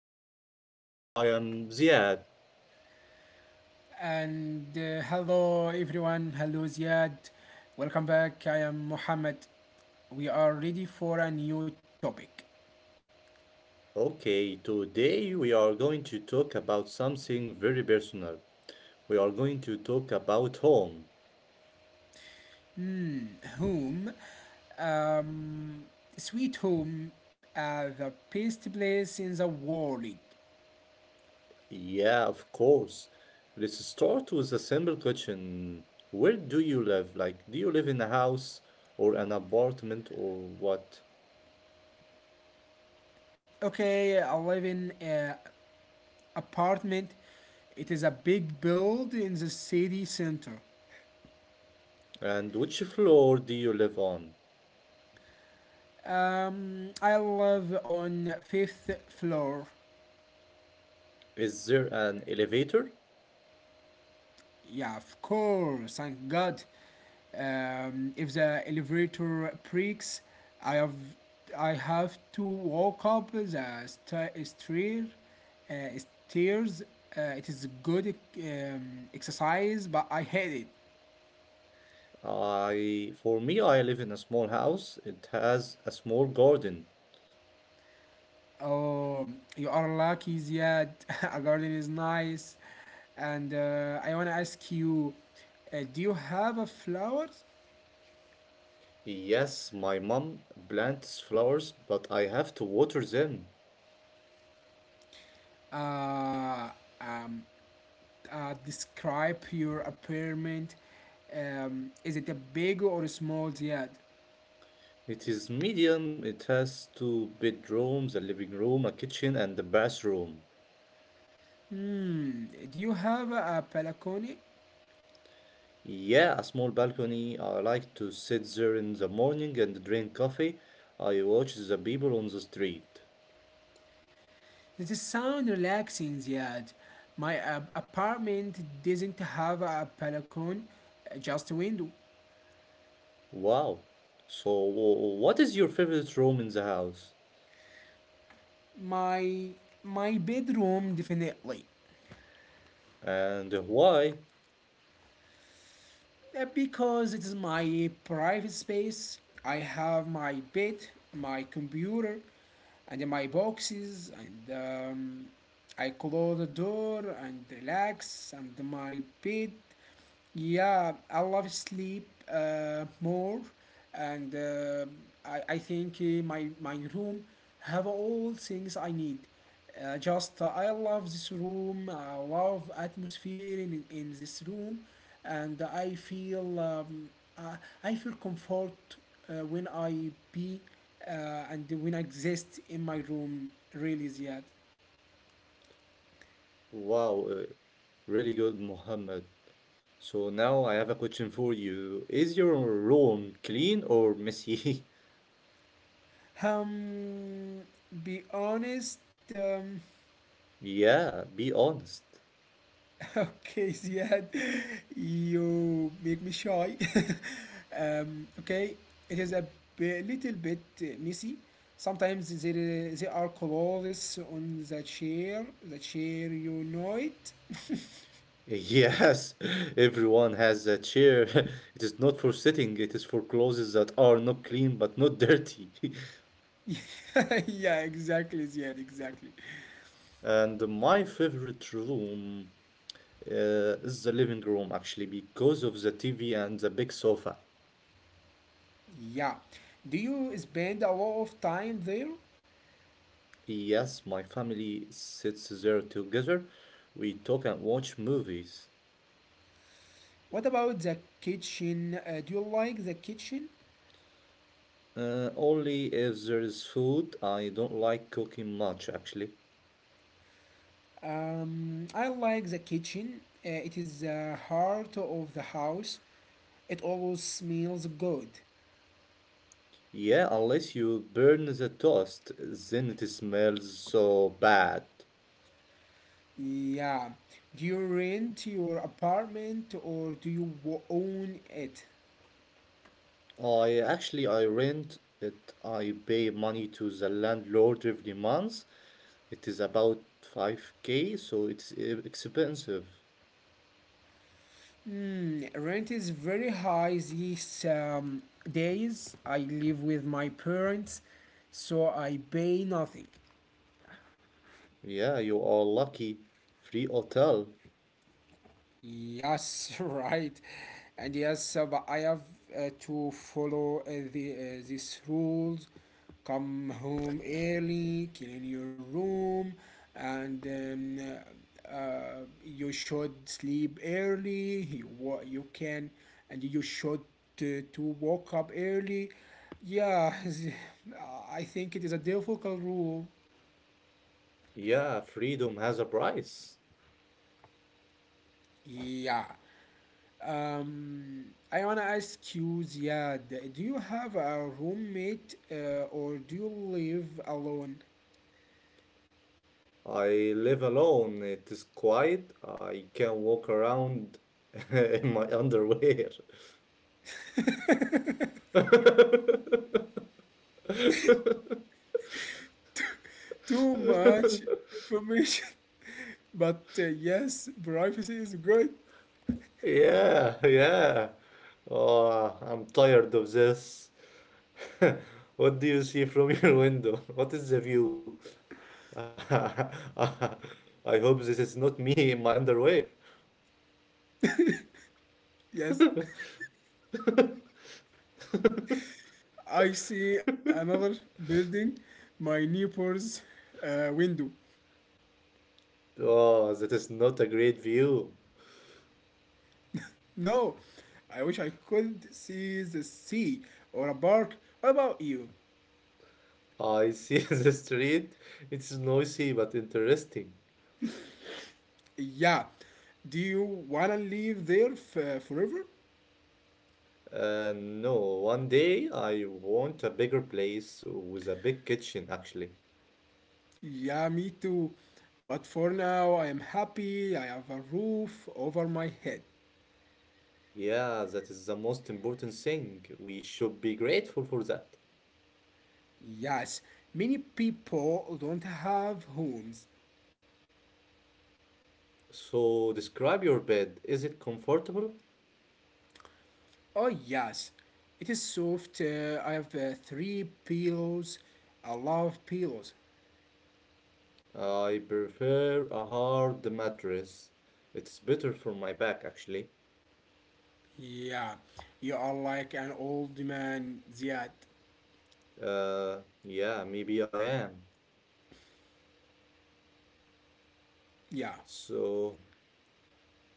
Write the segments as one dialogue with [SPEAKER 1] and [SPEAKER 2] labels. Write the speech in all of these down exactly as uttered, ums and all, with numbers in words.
[SPEAKER 1] our podcast. I am Ziad.
[SPEAKER 2] And uh, hello everyone, hello Ziad. Welcome back. I am Mohammed. We are ready for a new topic.
[SPEAKER 1] Okay, today we are going to talk about something very personal. We are going to talk about home.
[SPEAKER 2] Hmm, home. Um, Sweet home, uh, the best place in the world.
[SPEAKER 1] Yeah, of course. Let's start with a simple question. Where do you live? Like, do you live in a house or an apartment or what?
[SPEAKER 2] Okay, I live in an apartment. It is a big build in the city center.
[SPEAKER 1] And which floor do you live on?
[SPEAKER 2] Um, I live on fifth floor.
[SPEAKER 1] Is there an elevator?
[SPEAKER 2] Yeah, of course, thank God. Um, if the elevator breaks, I have I have to walk up the st stair, uh, stairs. Uh, it is good um, exercise, but I hate it.
[SPEAKER 1] I, for me, I live in a small house. It has a small garden.
[SPEAKER 2] Oh, you are lucky, Ziad. A garden is nice, and uh, I wanna ask you, uh, do you have a flowers?
[SPEAKER 1] Yes, my mom plants flowers, but I have to water them.
[SPEAKER 2] Uh, um, uh, Describe your apartment. Um, is it a big or a small yard?
[SPEAKER 1] It is medium. It has two bedrooms, a living room, a kitchen, and a bathroom.
[SPEAKER 2] Hmm. Do you have a balcony?
[SPEAKER 1] Yeah, a small balcony. I like to sit there in the morning and drink coffee. I watch the people on the street.
[SPEAKER 2] Does it sound relaxing, Ziad? My uh, apartment doesn't have a balcony, uh, just a window.
[SPEAKER 1] Wow. So, wh- what is your favorite room in the house?
[SPEAKER 2] My my bedroom definitely.
[SPEAKER 1] And why?
[SPEAKER 2] Uh, Because it is my private space. I have my bed, my computer, and my boxes, and um, I close the door and relax, and my bed. Yeah, I love sleep uh, more, and uh, I, I think uh, my my room have all things I need. Uh, just uh, I love this room. I love atmosphere in, in this room, and I feel um, I, I feel comfort uh, when I be uh, and when I exist in my room. Really, Ziad.
[SPEAKER 1] Wow, uh, really good, Mohammed. So now I have a question for you. Is your room clean or messy?
[SPEAKER 2] Um, be honest. Um,
[SPEAKER 1] Yeah, be honest.
[SPEAKER 2] Okay, Ziad, you make me shy. Um, okay, it is a bi- little bit uh, messy. Sometimes there, uh, there are clothes on the chair. The chair, you know it.
[SPEAKER 1] Yes, everyone has a chair. It is not for sitting, it is for clothes that are not clean but not dirty.
[SPEAKER 2] Yeah, exactly, Ziad, exactly.
[SPEAKER 1] And my favorite room uh, is the living room actually because of the T V and the big sofa.
[SPEAKER 2] Yeah. Do you spend a lot of time there?
[SPEAKER 1] Yes, my family sits there together. We talk and watch movies.
[SPEAKER 2] What about the kitchen? Uh, do you like the kitchen?
[SPEAKER 1] Uh, only if there is food, I don't like cooking much actually.
[SPEAKER 2] Um, I like the kitchen. Uh, it is the heart of the house. It always smells good.
[SPEAKER 1] Yeah, unless you burn the toast, then it smells so bad.
[SPEAKER 2] Yeah. Do you rent your apartment or do you wo- own it?
[SPEAKER 1] I actually I rent it. I pay money to the landlord every month. It is about five k, so it's e- expensive.
[SPEAKER 2] Hmm, rent is very high these um, days. I live with my parents, so I pay nothing.
[SPEAKER 1] Yeah, you are lucky. Free hotel.
[SPEAKER 2] Yes, right. And yes, uh, but I have uh, to follow uh, the uh, these rules. Come home early, clean your room, and um, uh, you should sleep early. You wa- you can, and you should to, to wake up early. Yeah, I think it is a difficult rule.
[SPEAKER 1] Yeah, freedom has a price.
[SPEAKER 2] Yeah. Um, I wanna ask you, Ziad, do you have a roommate uh, or do you live alone?
[SPEAKER 1] I live alone. It is quiet. I can walk around in my underwear.
[SPEAKER 2] Too much information, but uh, yes, privacy is good.
[SPEAKER 1] Yeah, yeah. Oh, I'm tired of this. What do you see from your window? What is the view? I hope this is not me in my underwear.
[SPEAKER 2] Yes, I see another building, my neighbor's uh, window.
[SPEAKER 1] Oh, that is not a great view.
[SPEAKER 2] No, I wish I could see the sea or a park. What about you?
[SPEAKER 1] I see the street. It's noisy but interesting.
[SPEAKER 2] Yeah, do you wanna live there f- forever?
[SPEAKER 1] Uh, no, one day I want a bigger place with a big kitchen, actually.
[SPEAKER 2] Yeah, me too. But for now, I am happy I have a roof over my head.
[SPEAKER 1] Yeah, that is the most important thing. We should be grateful for that.
[SPEAKER 2] Yes, many people don't have homes.
[SPEAKER 1] So, describe your bed. Is it comfortable?
[SPEAKER 2] Oh, yes, it is soft. Uh, I have uh, three pillows. I love pillows.
[SPEAKER 1] I prefer a hard mattress. It's better for my back, actually.
[SPEAKER 2] Yeah, you are like an old man, Ziad.
[SPEAKER 1] Uh, yeah, maybe I am.
[SPEAKER 2] Yeah,
[SPEAKER 1] So,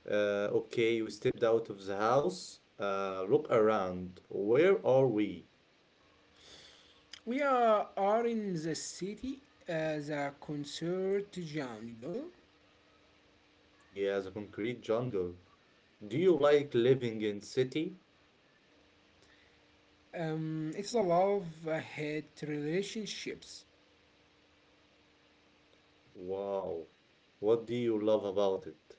[SPEAKER 1] uh, okay, you stepped out of the house. Uh, look around. Where are we?
[SPEAKER 2] we are, are in the city as a concert jungle.
[SPEAKER 1] Yeah, the concrete jungle. Do you like living in city?
[SPEAKER 2] Um, it's a love hate relationships.
[SPEAKER 1] Wow. What do you love about it?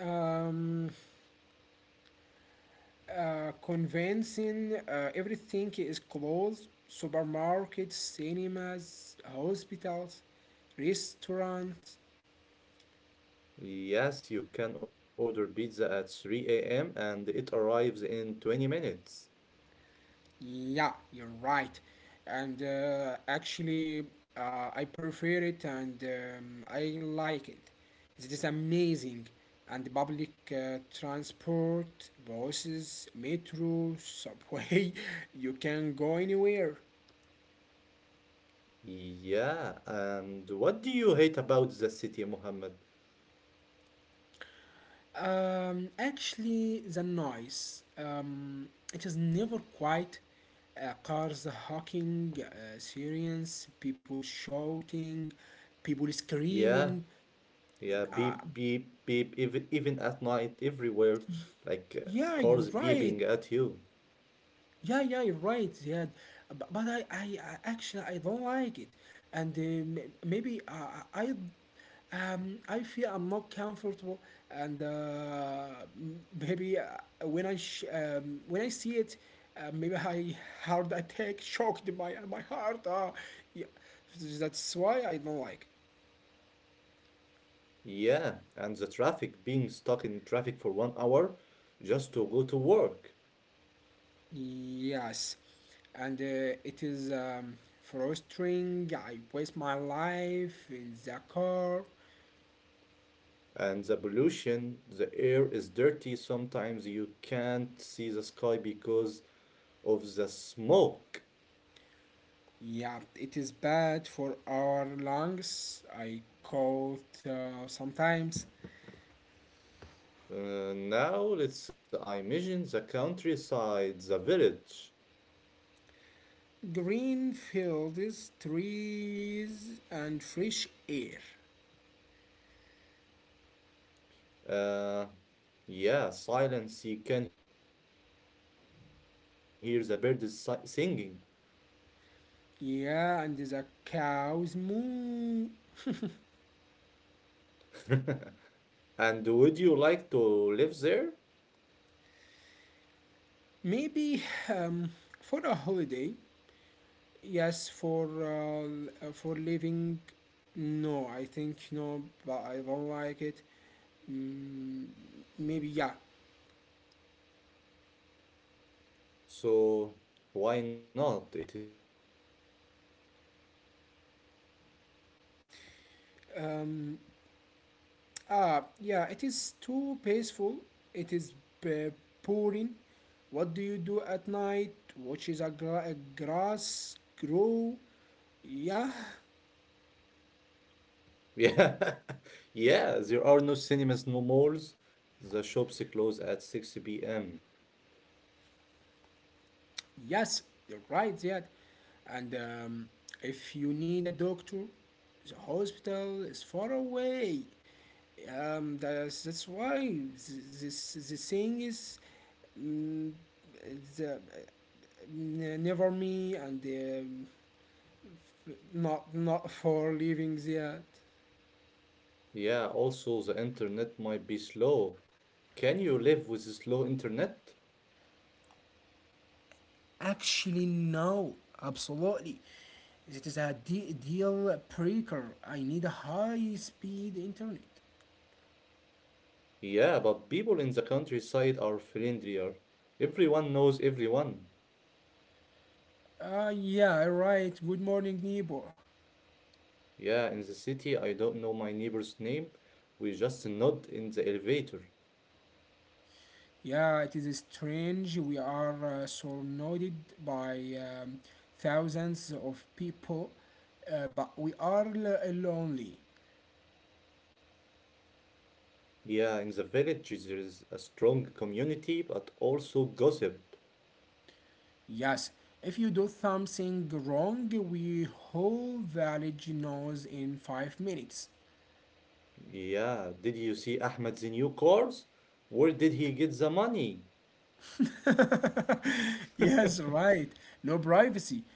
[SPEAKER 2] Um, uh, convincing uh, everything is closed supermarkets, cinemas, hospitals, restaurants.
[SPEAKER 1] Yes, you can order pizza at three a m and it arrives in twenty minutes.
[SPEAKER 2] Yeah, you're right. And uh, actually, uh, I prefer it and um, I like it. It is amazing. And public uh, transport, buses, metro, subway, you can go anywhere.
[SPEAKER 1] Yeah, and what do you hate about the city, Muhammad?
[SPEAKER 2] Um, actually, the noise, um, it is never quiet. Uh, cars honking, uh, sirens, people shouting, people
[SPEAKER 1] Yeah,
[SPEAKER 2] screaming.
[SPEAKER 1] yeah, beep, beep, beep, even, even at night, everywhere, like uh,
[SPEAKER 2] Yeah, you're
[SPEAKER 1] cars
[SPEAKER 2] right.
[SPEAKER 1] beeping at you.
[SPEAKER 2] Yeah, yeah, you're right. Yeah, but, but I, I, I actually I don't like it, and uh, m- maybe I, I, um, I feel I'm not comfortable, and uh, m- maybe uh, when I sh- um, when I see it, uh, maybe I heart attack shocked my my heart. Uh, yeah, that's why I don't like.
[SPEAKER 1] Yeah, and the traffic, being stuck in traffic for one hour just to go to work.
[SPEAKER 2] Yes, and uh, it is um, frustrating. I waste my life in the car.
[SPEAKER 1] And the pollution, the air is dirty. Sometimes you can't see the sky because of the smoke.
[SPEAKER 2] Yeah, it is bad for our lungs. I cough uh, sometimes.
[SPEAKER 1] Uh, now let's imagine the countryside, the village.
[SPEAKER 2] Green fields, trees, and fresh air.
[SPEAKER 1] Uh, yeah, silence. You can hear the birds si- singing.
[SPEAKER 2] Yeah, and the cows moo.
[SPEAKER 1] And would you like to live there?
[SPEAKER 2] Maybe um, for a holiday. Yes, for um, uh, for living, no, I think no, but I don't like it. Mm, Maybe yeah.
[SPEAKER 1] So why not? It is peaceful.
[SPEAKER 2] Um, ah, yeah, it is too peaceful. It is b- boring. What do you do at night? Watches a, gra- a grass grow. Yeah,
[SPEAKER 1] Yeah, yeah, there are no cinemas, no malls. The shops close at six p m.
[SPEAKER 2] yes, you're right. Yeah, and um, if you need a doctor, the hospital is far away. um that's that's why th- this the saying is mm, the, uh, n- never me and um not not for leaving yet.
[SPEAKER 1] Yeah, also the internet might be slow. Can you live with slow internet?
[SPEAKER 2] Actually no, absolutely, it is a de- deal breaker. I need a high speed internet.
[SPEAKER 1] Yeah, but people in the countryside are friendlier. Everyone knows everyone.
[SPEAKER 2] Uh yeah, right, good morning neighbor.
[SPEAKER 1] Yeah, in the city, I don't know my neighbor's name. We just nod in the elevator.
[SPEAKER 2] Yeah, it is strange. We are uh, surrounded by um, thousands of people, uh, but we are l- uh, lonely.
[SPEAKER 1] Yeah, in the village, there is a strong community, but also gossip.
[SPEAKER 2] Yes, if you do something wrong, we whole village knows in five minutes.
[SPEAKER 1] Yeah, did you see Ahmed's new cars? Where did he get the money?
[SPEAKER 2] yes, right. No privacy.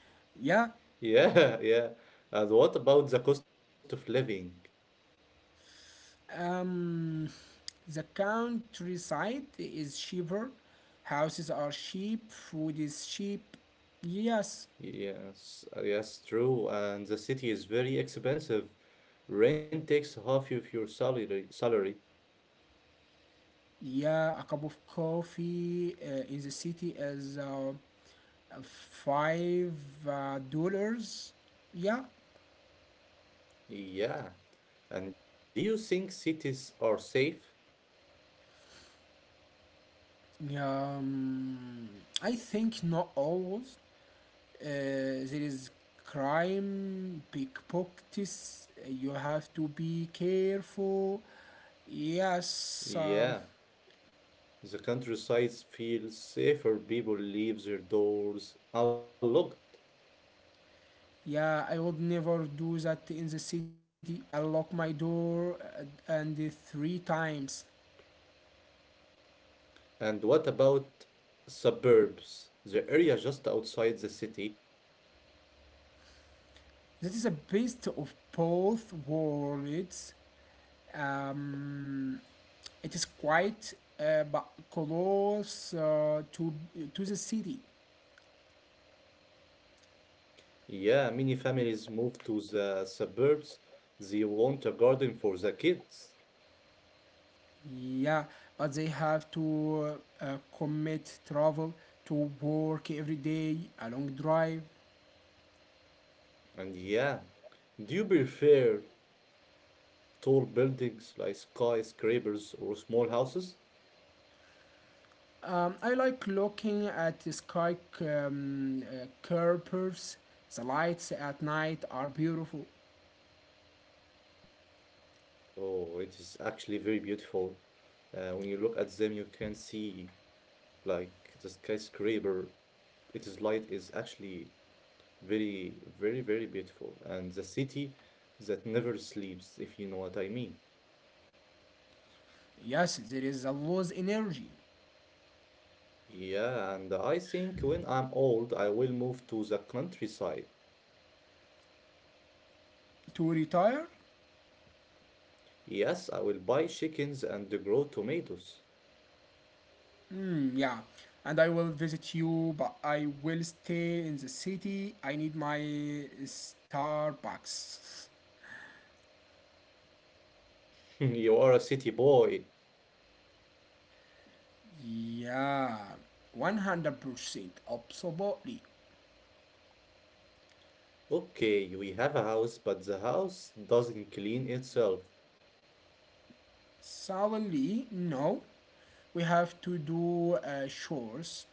[SPEAKER 2] Yeah.
[SPEAKER 1] Yeah, yeah. And what about the cost of living?
[SPEAKER 2] Um, the countryside is cheaper. Houses are cheap. Food is cheap. Yes.
[SPEAKER 1] Yes, yes, true. And the city is very expensive. Rent takes half of your salary salary.
[SPEAKER 2] Yeah, a cup of coffee uh, in the city is uh, five uh, dollars. Yeah,
[SPEAKER 1] Yeah. And do you think cities are safe?
[SPEAKER 2] um, I think not always. Uh, there is crime, pickpockets. You have to be careful. Yes, um,
[SPEAKER 1] Yeah. The countryside feels safer. People leave their doors unlocked.
[SPEAKER 2] yeah, I would never do that in the city. I lock my door uh, and uh, three times.
[SPEAKER 1] And what about suburbs? The area just outside the city.
[SPEAKER 2] This is a best of both worlds. Um, it is quite uh, but close uh, to to the city.
[SPEAKER 1] Yeah, many families move to the suburbs. They want a garden for the kids.
[SPEAKER 2] Yeah, but they have to uh, commit travel to work every day, a long drive.
[SPEAKER 1] And yeah, do you prefer tall buildings like skyscrapers or small houses?
[SPEAKER 2] Um, I like looking at the sky um, uh, curpers. The lights at night are beautiful.
[SPEAKER 1] Oh, it is actually very beautiful. Uh, when you look at them, you can see like the skyscraper. Its light is actually very, very, very beautiful. And the city that never sleeps, if you know what I mean.
[SPEAKER 2] Yes, there is a lost energy.
[SPEAKER 1] Yeah, and I think when I'm old, I will move to the countryside.
[SPEAKER 2] To retire.
[SPEAKER 1] Yes, I will buy chickens and grow tomatoes.
[SPEAKER 2] Mm, yeah, and I will visit you, but I will stay in the city. I need my Starbucks.
[SPEAKER 1] You are a city boy.
[SPEAKER 2] Yeah, one hundred percent. Absolutely.
[SPEAKER 1] Okay, we have a house, but the house doesn't clean itself.
[SPEAKER 2] Suddenly, no. We have to do uh, chores.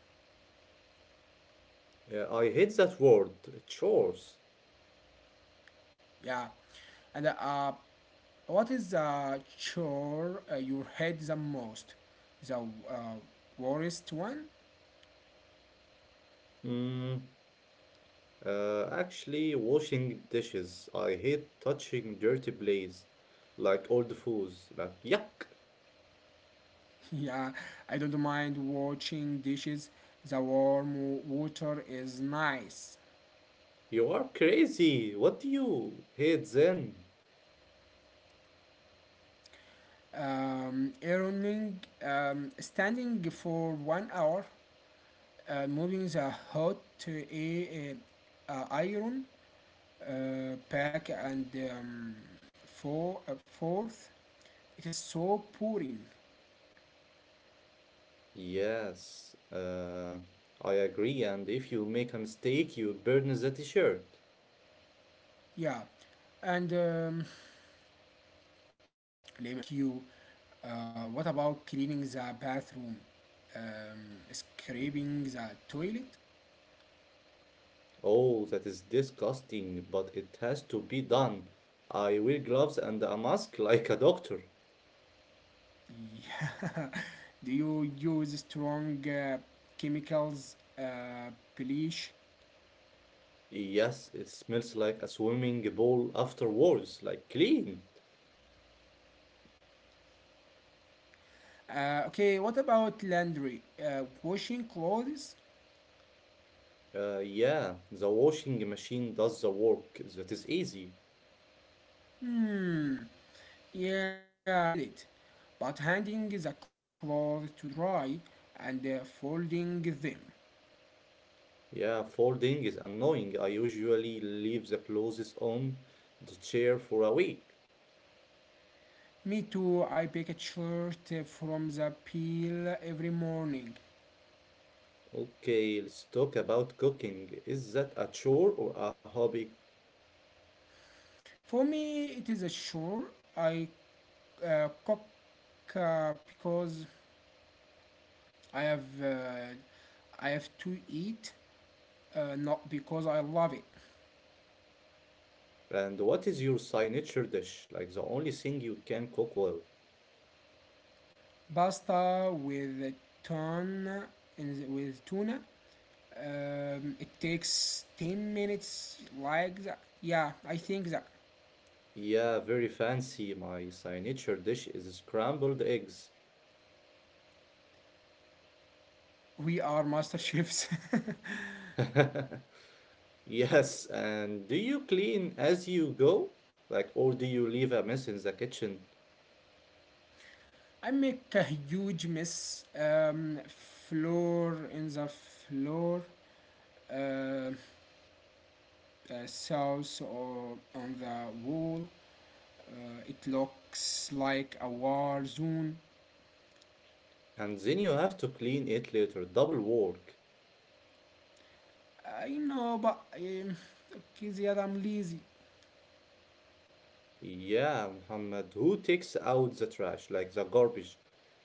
[SPEAKER 1] Uh, I hate that word, chores.
[SPEAKER 2] Yeah. And uh, what is the chore uh, you hate the most? The uh, worst one?
[SPEAKER 1] Mm, Uh, actually, washing dishes. I hate touching dirty plates, like old foods. Like, yuck!
[SPEAKER 2] Yeah, I don't mind washing dishes. The warm water is nice.
[SPEAKER 1] You are crazy! What do you hate then?
[SPEAKER 2] Um, ironing, um, standing for one hour, uh, moving the hot uh, a- uh, iron uh, pack and um, for, uh, forth. It is so pouring.
[SPEAKER 1] Yes, uh, I agree. And if you make a mistake, you burn the t-shirt.
[SPEAKER 2] Yeah, and um, let me ask you, uh, what about cleaning the bathroom? Um, scraping the toilet?
[SPEAKER 1] Oh, that is disgusting, but it has to be done. I wear gloves and a mask like a doctor.
[SPEAKER 2] Yeah. Do you use strong uh, chemicals? Uh, bleach?
[SPEAKER 1] Yes, it smells like a swimming pool afterwards, like clean.
[SPEAKER 2] Uh, okay, what about laundry? Uh, washing clothes?
[SPEAKER 1] Uh, yeah, the washing machine does the work. That is easy.
[SPEAKER 2] Hmm. Yeah, I get it. But handing the clothes to dry and uh, folding them.
[SPEAKER 1] Yeah, folding is annoying. I usually leave the clothes on the chair for a week.
[SPEAKER 2] Me too, I bake a shirt uh, from the peel every morning.
[SPEAKER 1] Okay, let's talk about cooking. Is that a chore or a hobby?
[SPEAKER 2] For me, it is a sure. I uh, cook uh, because I have uh, I have to eat, uh, not because I love it.
[SPEAKER 1] And what is your signature dish? Like the only thing you can cook well.
[SPEAKER 2] Pasta with tuna and with tuna. Um, it takes ten minutes. Like that. Yeah, I think that
[SPEAKER 1] Yeah, very fancy. My signature dish is scrambled eggs.
[SPEAKER 2] we are master chefs.
[SPEAKER 1] Yes, and do you clean as you go? Like, or do you leave a mess in the kitchen
[SPEAKER 2] I make a huge mess. Um, floor in the floor, uh, uh, south or on the wall. Uh, it looks like a war zone.
[SPEAKER 1] and then you have to clean it later? Double work.
[SPEAKER 2] I know, but um, okay, Ziad, I'm lazy.
[SPEAKER 1] Yeah, Muhammad, who takes out the trash, like the garbage?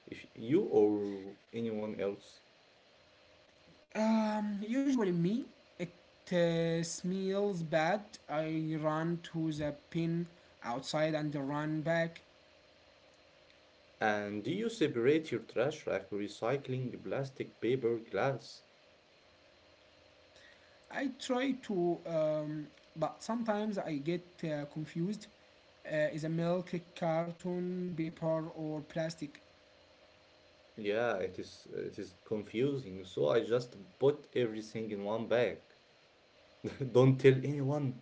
[SPEAKER 1] If you or anyone else?
[SPEAKER 2] Um, usually me. It uh, smells bad. I run to the pin outside and run back.
[SPEAKER 1] And do you separate your trash like recycling plastic, paper, glass?
[SPEAKER 2] I try to, um, but sometimes I get uh, confused. Uh, is a milk carton, paper, or plastic?
[SPEAKER 1] Yeah, it is it is confusing. So I just put everything in one bag. Don't tell anyone.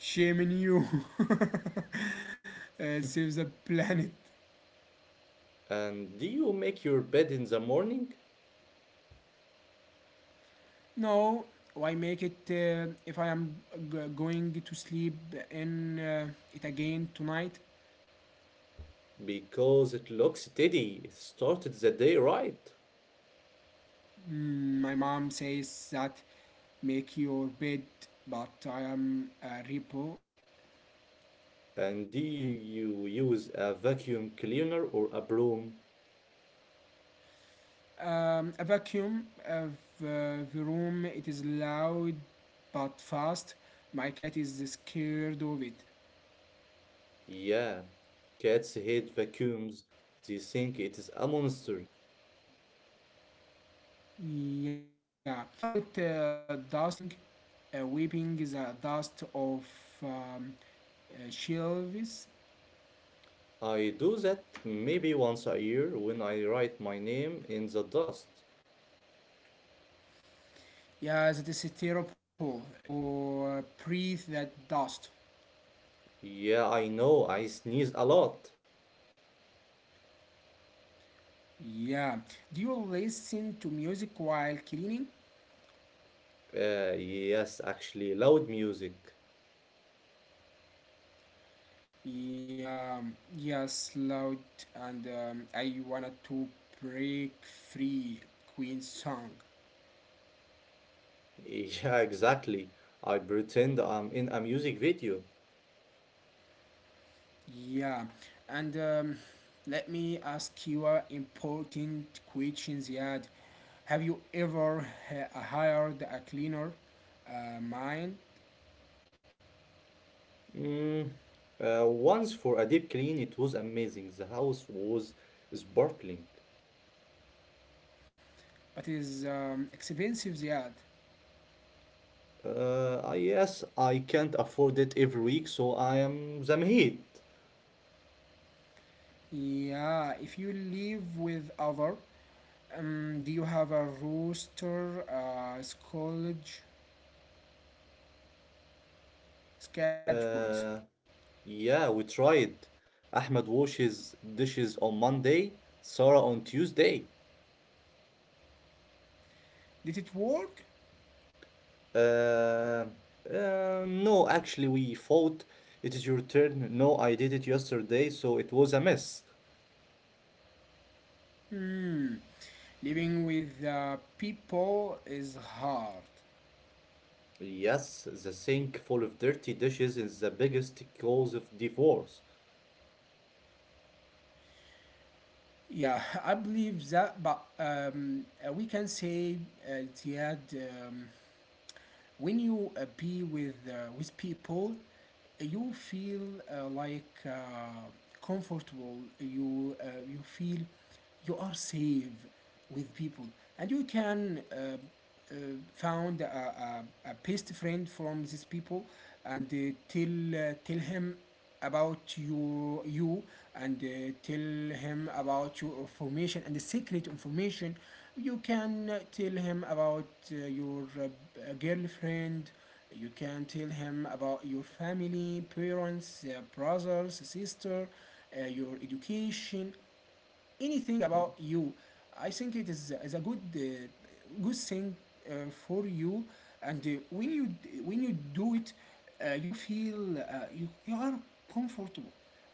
[SPEAKER 2] Shaming you uh, saves the planet.
[SPEAKER 1] And do you make your bed in the morning?
[SPEAKER 2] No, why make it uh, if I am g- going to sleep in uh, it again tonight?
[SPEAKER 1] Because it looks steady, it started the day right.
[SPEAKER 2] Mm, my mom says that make your bed, but I am a repo.
[SPEAKER 1] And do you use a vacuum cleaner or a broom?
[SPEAKER 2] Um, a vacuum of uh, the room. It is loud but fast. My cat is scared of it.
[SPEAKER 1] Yeah, cats hate vacuums. They think it is a monster.
[SPEAKER 2] Yeah. What about uh, dusting? Uh, weeping the dust of um, uh, shelves.
[SPEAKER 1] I do that maybe once a year when I write my name in the dust.
[SPEAKER 2] Yeah, that is terrible. You uh, breathe that dust.
[SPEAKER 1] Yeah, I know, I sneeze a lot.
[SPEAKER 2] Yeah. Do you listen to music while cleaning?
[SPEAKER 1] Uh, yes, actually, loud music.
[SPEAKER 2] Yeah, yes, loud, and um, I wanted to break free Queen song.
[SPEAKER 1] Yeah, exactly. I pretend I'm in a music video.
[SPEAKER 2] Yeah, and um, let me ask you an important question, Ziad. Have you ever h- hired a cleaner? Uh, mine,
[SPEAKER 1] Mm, uh, Once for a deep clean, it was amazing. The house was sparkling.
[SPEAKER 2] but it is um, expensive, Ziad.
[SPEAKER 1] Uh, I- yes, I can't afford it every week, so I am Zamheed.
[SPEAKER 2] Yeah, if you live with other, um, do you have a rooster, uh, college schedules?
[SPEAKER 1] Uh, yeah, we tried. Ahmed washes dishes on Monday, Sarah on Tuesday.
[SPEAKER 2] Did it work?
[SPEAKER 1] Uh, uh, no, actually, we fought. It is your turn. No, I did it yesterday, so it was a mess.
[SPEAKER 2] Hmm. Living with uh, people is hard.
[SPEAKER 1] Yes, the sink full of dirty dishes is the biggest cause of divorce.
[SPEAKER 2] Yeah, I believe that, but um, uh, we can say uh, it had um, when you uh, be with uh, with people uh, you feel uh, like uh, comfortable. You uh, you feel you are safe with people, and you can uh, uh, found a, a, a best friend from these people, and uh, tell uh, tell him about you you, and uh, tell him about your information and the secret information. You can uh, tell him about uh, your uh, uh, girlfriend. You can tell him about your family, parents, uh, brothers, sister, uh, your education, anything about you. I think it is, is a good uh, good thing uh, for you, and uh, when you when you do it, uh, you feel uh, you you are comfortable.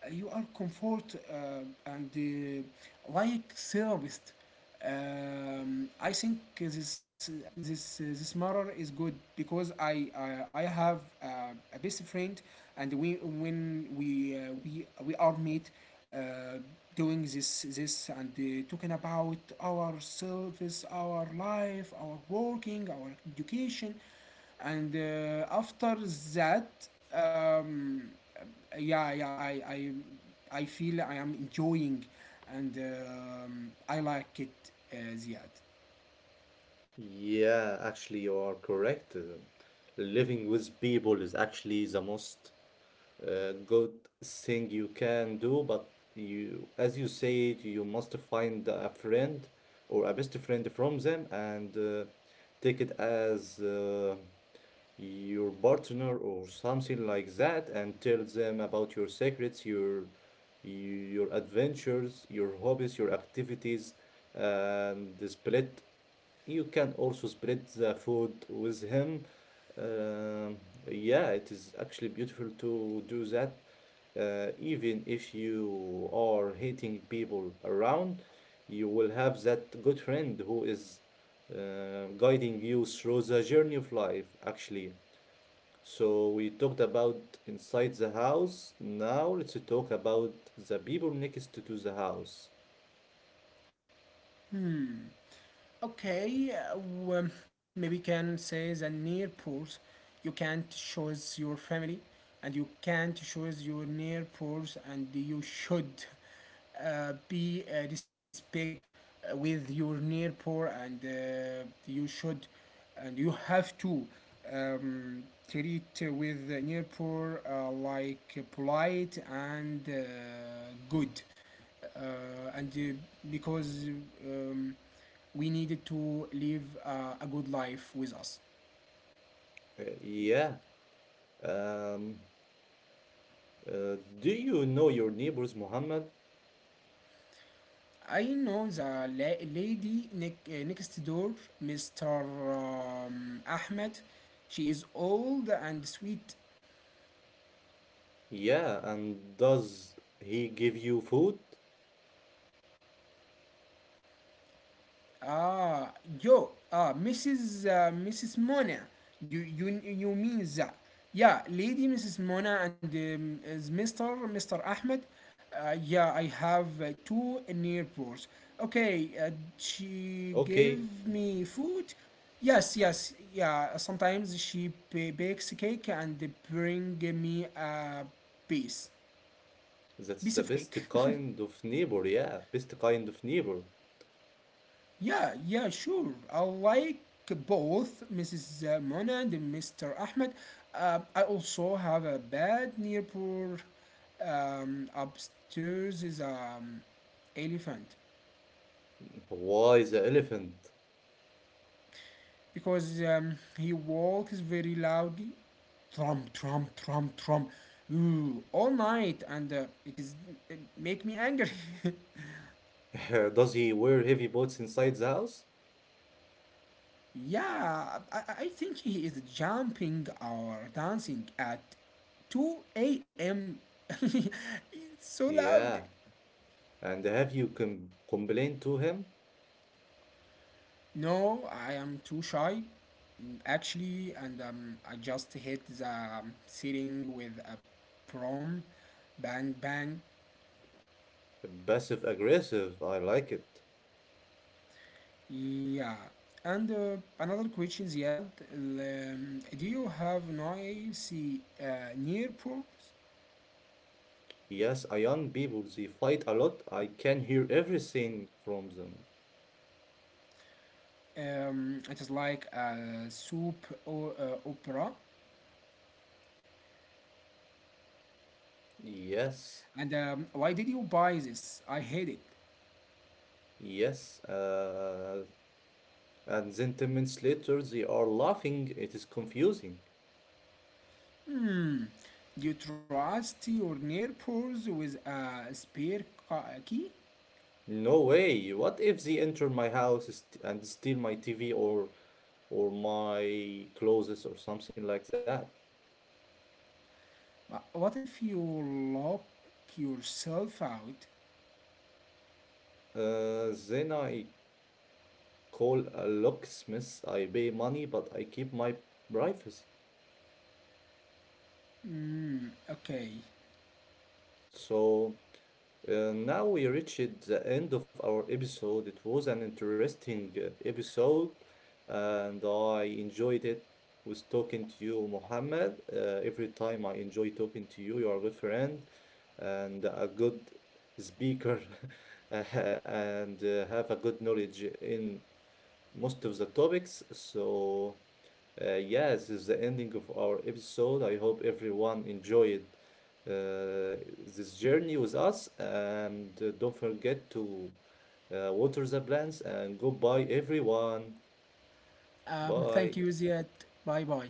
[SPEAKER 2] Uh, You are comfort uh, and uh, like therapist. um, I think this uh, this uh, this matter is good because I I, I have uh, a best friend. And we when we uh, we we are meet uh, doing this this and uh, talking about ourselves, our life, our working, our education, and uh, after that, um, yeah yeah i i i feel I am enjoying, and um, I like it, uh, ziyad.
[SPEAKER 1] Yeah, actually, you are correct. Uh, Living with people is actually the most uh, good thing you can do, but you, as you said, you must find a friend or a best friend from them and uh, take it as uh, your partner or something like that and tell them about your secrets, your your adventures, your hobbies, your activities, and the split. You can also split the food with him um, yeah, it is actually beautiful to do that, uh, even if you are hating people around, you will have that good friend who is uh, guiding you through the journey of life, actually. So we talked about inside the house. Now let's talk about the people next to the house.
[SPEAKER 2] Okay, uh, well, maybe can say the near pools. You can't choose your family, and you can't choose your near pools, and you should uh, be uh, respect uh, with your near poor, and uh, you should, and you have to um, treat with the near poor uh, like polite and uh, good uh, and uh, because um, we needed to live uh, a good life with us.
[SPEAKER 1] Uh, yeah. Um, uh, do you know your neighbors, Muhammad?
[SPEAKER 2] I know the la- lady ne- uh, next door, mister Um, Ahmed. She is old and sweet.
[SPEAKER 1] Yeah, and does he give you food?
[SPEAKER 2] Ah, Yo, ah, missus Uh, missus Mona. You you you mean that? Yeah, Lady missus Mona and um, is mister mister Ahmed. Uh, yeah, I have uh, two neighbors. Okay, uh, she
[SPEAKER 1] Okay,
[SPEAKER 2] gave me food. Yes, yes, yeah. Sometimes she ba- bakes cake and bring me a piece
[SPEAKER 1] that's
[SPEAKER 2] piece
[SPEAKER 1] the
[SPEAKER 2] of cake.
[SPEAKER 1] best kind of neighbor. Yeah, best kind of neighbor.
[SPEAKER 2] Yeah, yeah, sure. I like both missus Mona and mister Ahmed. Um, I also have a bed near poor um, upstairs is um elephant.
[SPEAKER 1] Why the elephant?
[SPEAKER 2] Because um, he walks very loudly. Trump, Trump, Trump, Trump. Ooh, all night and uh, it is it make me angry.
[SPEAKER 1] Does he wear heavy boots inside the house?
[SPEAKER 2] Yeah, I, I think he is jumping or dancing at two a m It's so loud.
[SPEAKER 1] Yeah, and have you com complained to him?
[SPEAKER 2] No, I am too shy, actually, and um, I just hit the um, ceiling with a prom. Bang, bang.
[SPEAKER 1] Passive aggressive, I like it.
[SPEAKER 2] Yeah. And uh, another question is yelled, um, do you have noisy uh, near pros?
[SPEAKER 1] Yes, uh, young people, they fight a lot. I can hear everything from them.
[SPEAKER 2] Um, it is like a soup or uh, opera.
[SPEAKER 1] Yes,
[SPEAKER 2] And um, why did you buy this? I hate it.
[SPEAKER 1] yes, uh, and then ten minutes later, they are laughing. It is confusing.
[SPEAKER 2] Hmm. You trust your neighbors with a spare ca- key?
[SPEAKER 1] No way. What if they enter my house st- and steal my T V or or my clothes or something like that?
[SPEAKER 2] Uh, What if you lock yourself out?
[SPEAKER 1] Uh, then I call a locksmith. I pay money, but I keep my privacy.
[SPEAKER 2] Hmm. Okay.
[SPEAKER 1] So. Uh, now we reached the end of our episode. It was an interesting uh, episode, and I enjoyed it. Was talking to you, Mohammed. Uh, every time I enjoy talking to you, you are a good friend and a good speaker, and uh, have a good knowledge in most of the topics. So, uh, yeah, this is the ending of our episode. I hope everyone enjoyed uh, this journey with us. And uh, don't forget to uh, water the plants and goodbye, everyone.
[SPEAKER 2] Um. Thank
[SPEAKER 1] Bye.
[SPEAKER 2] you, Ziad. Bye bye.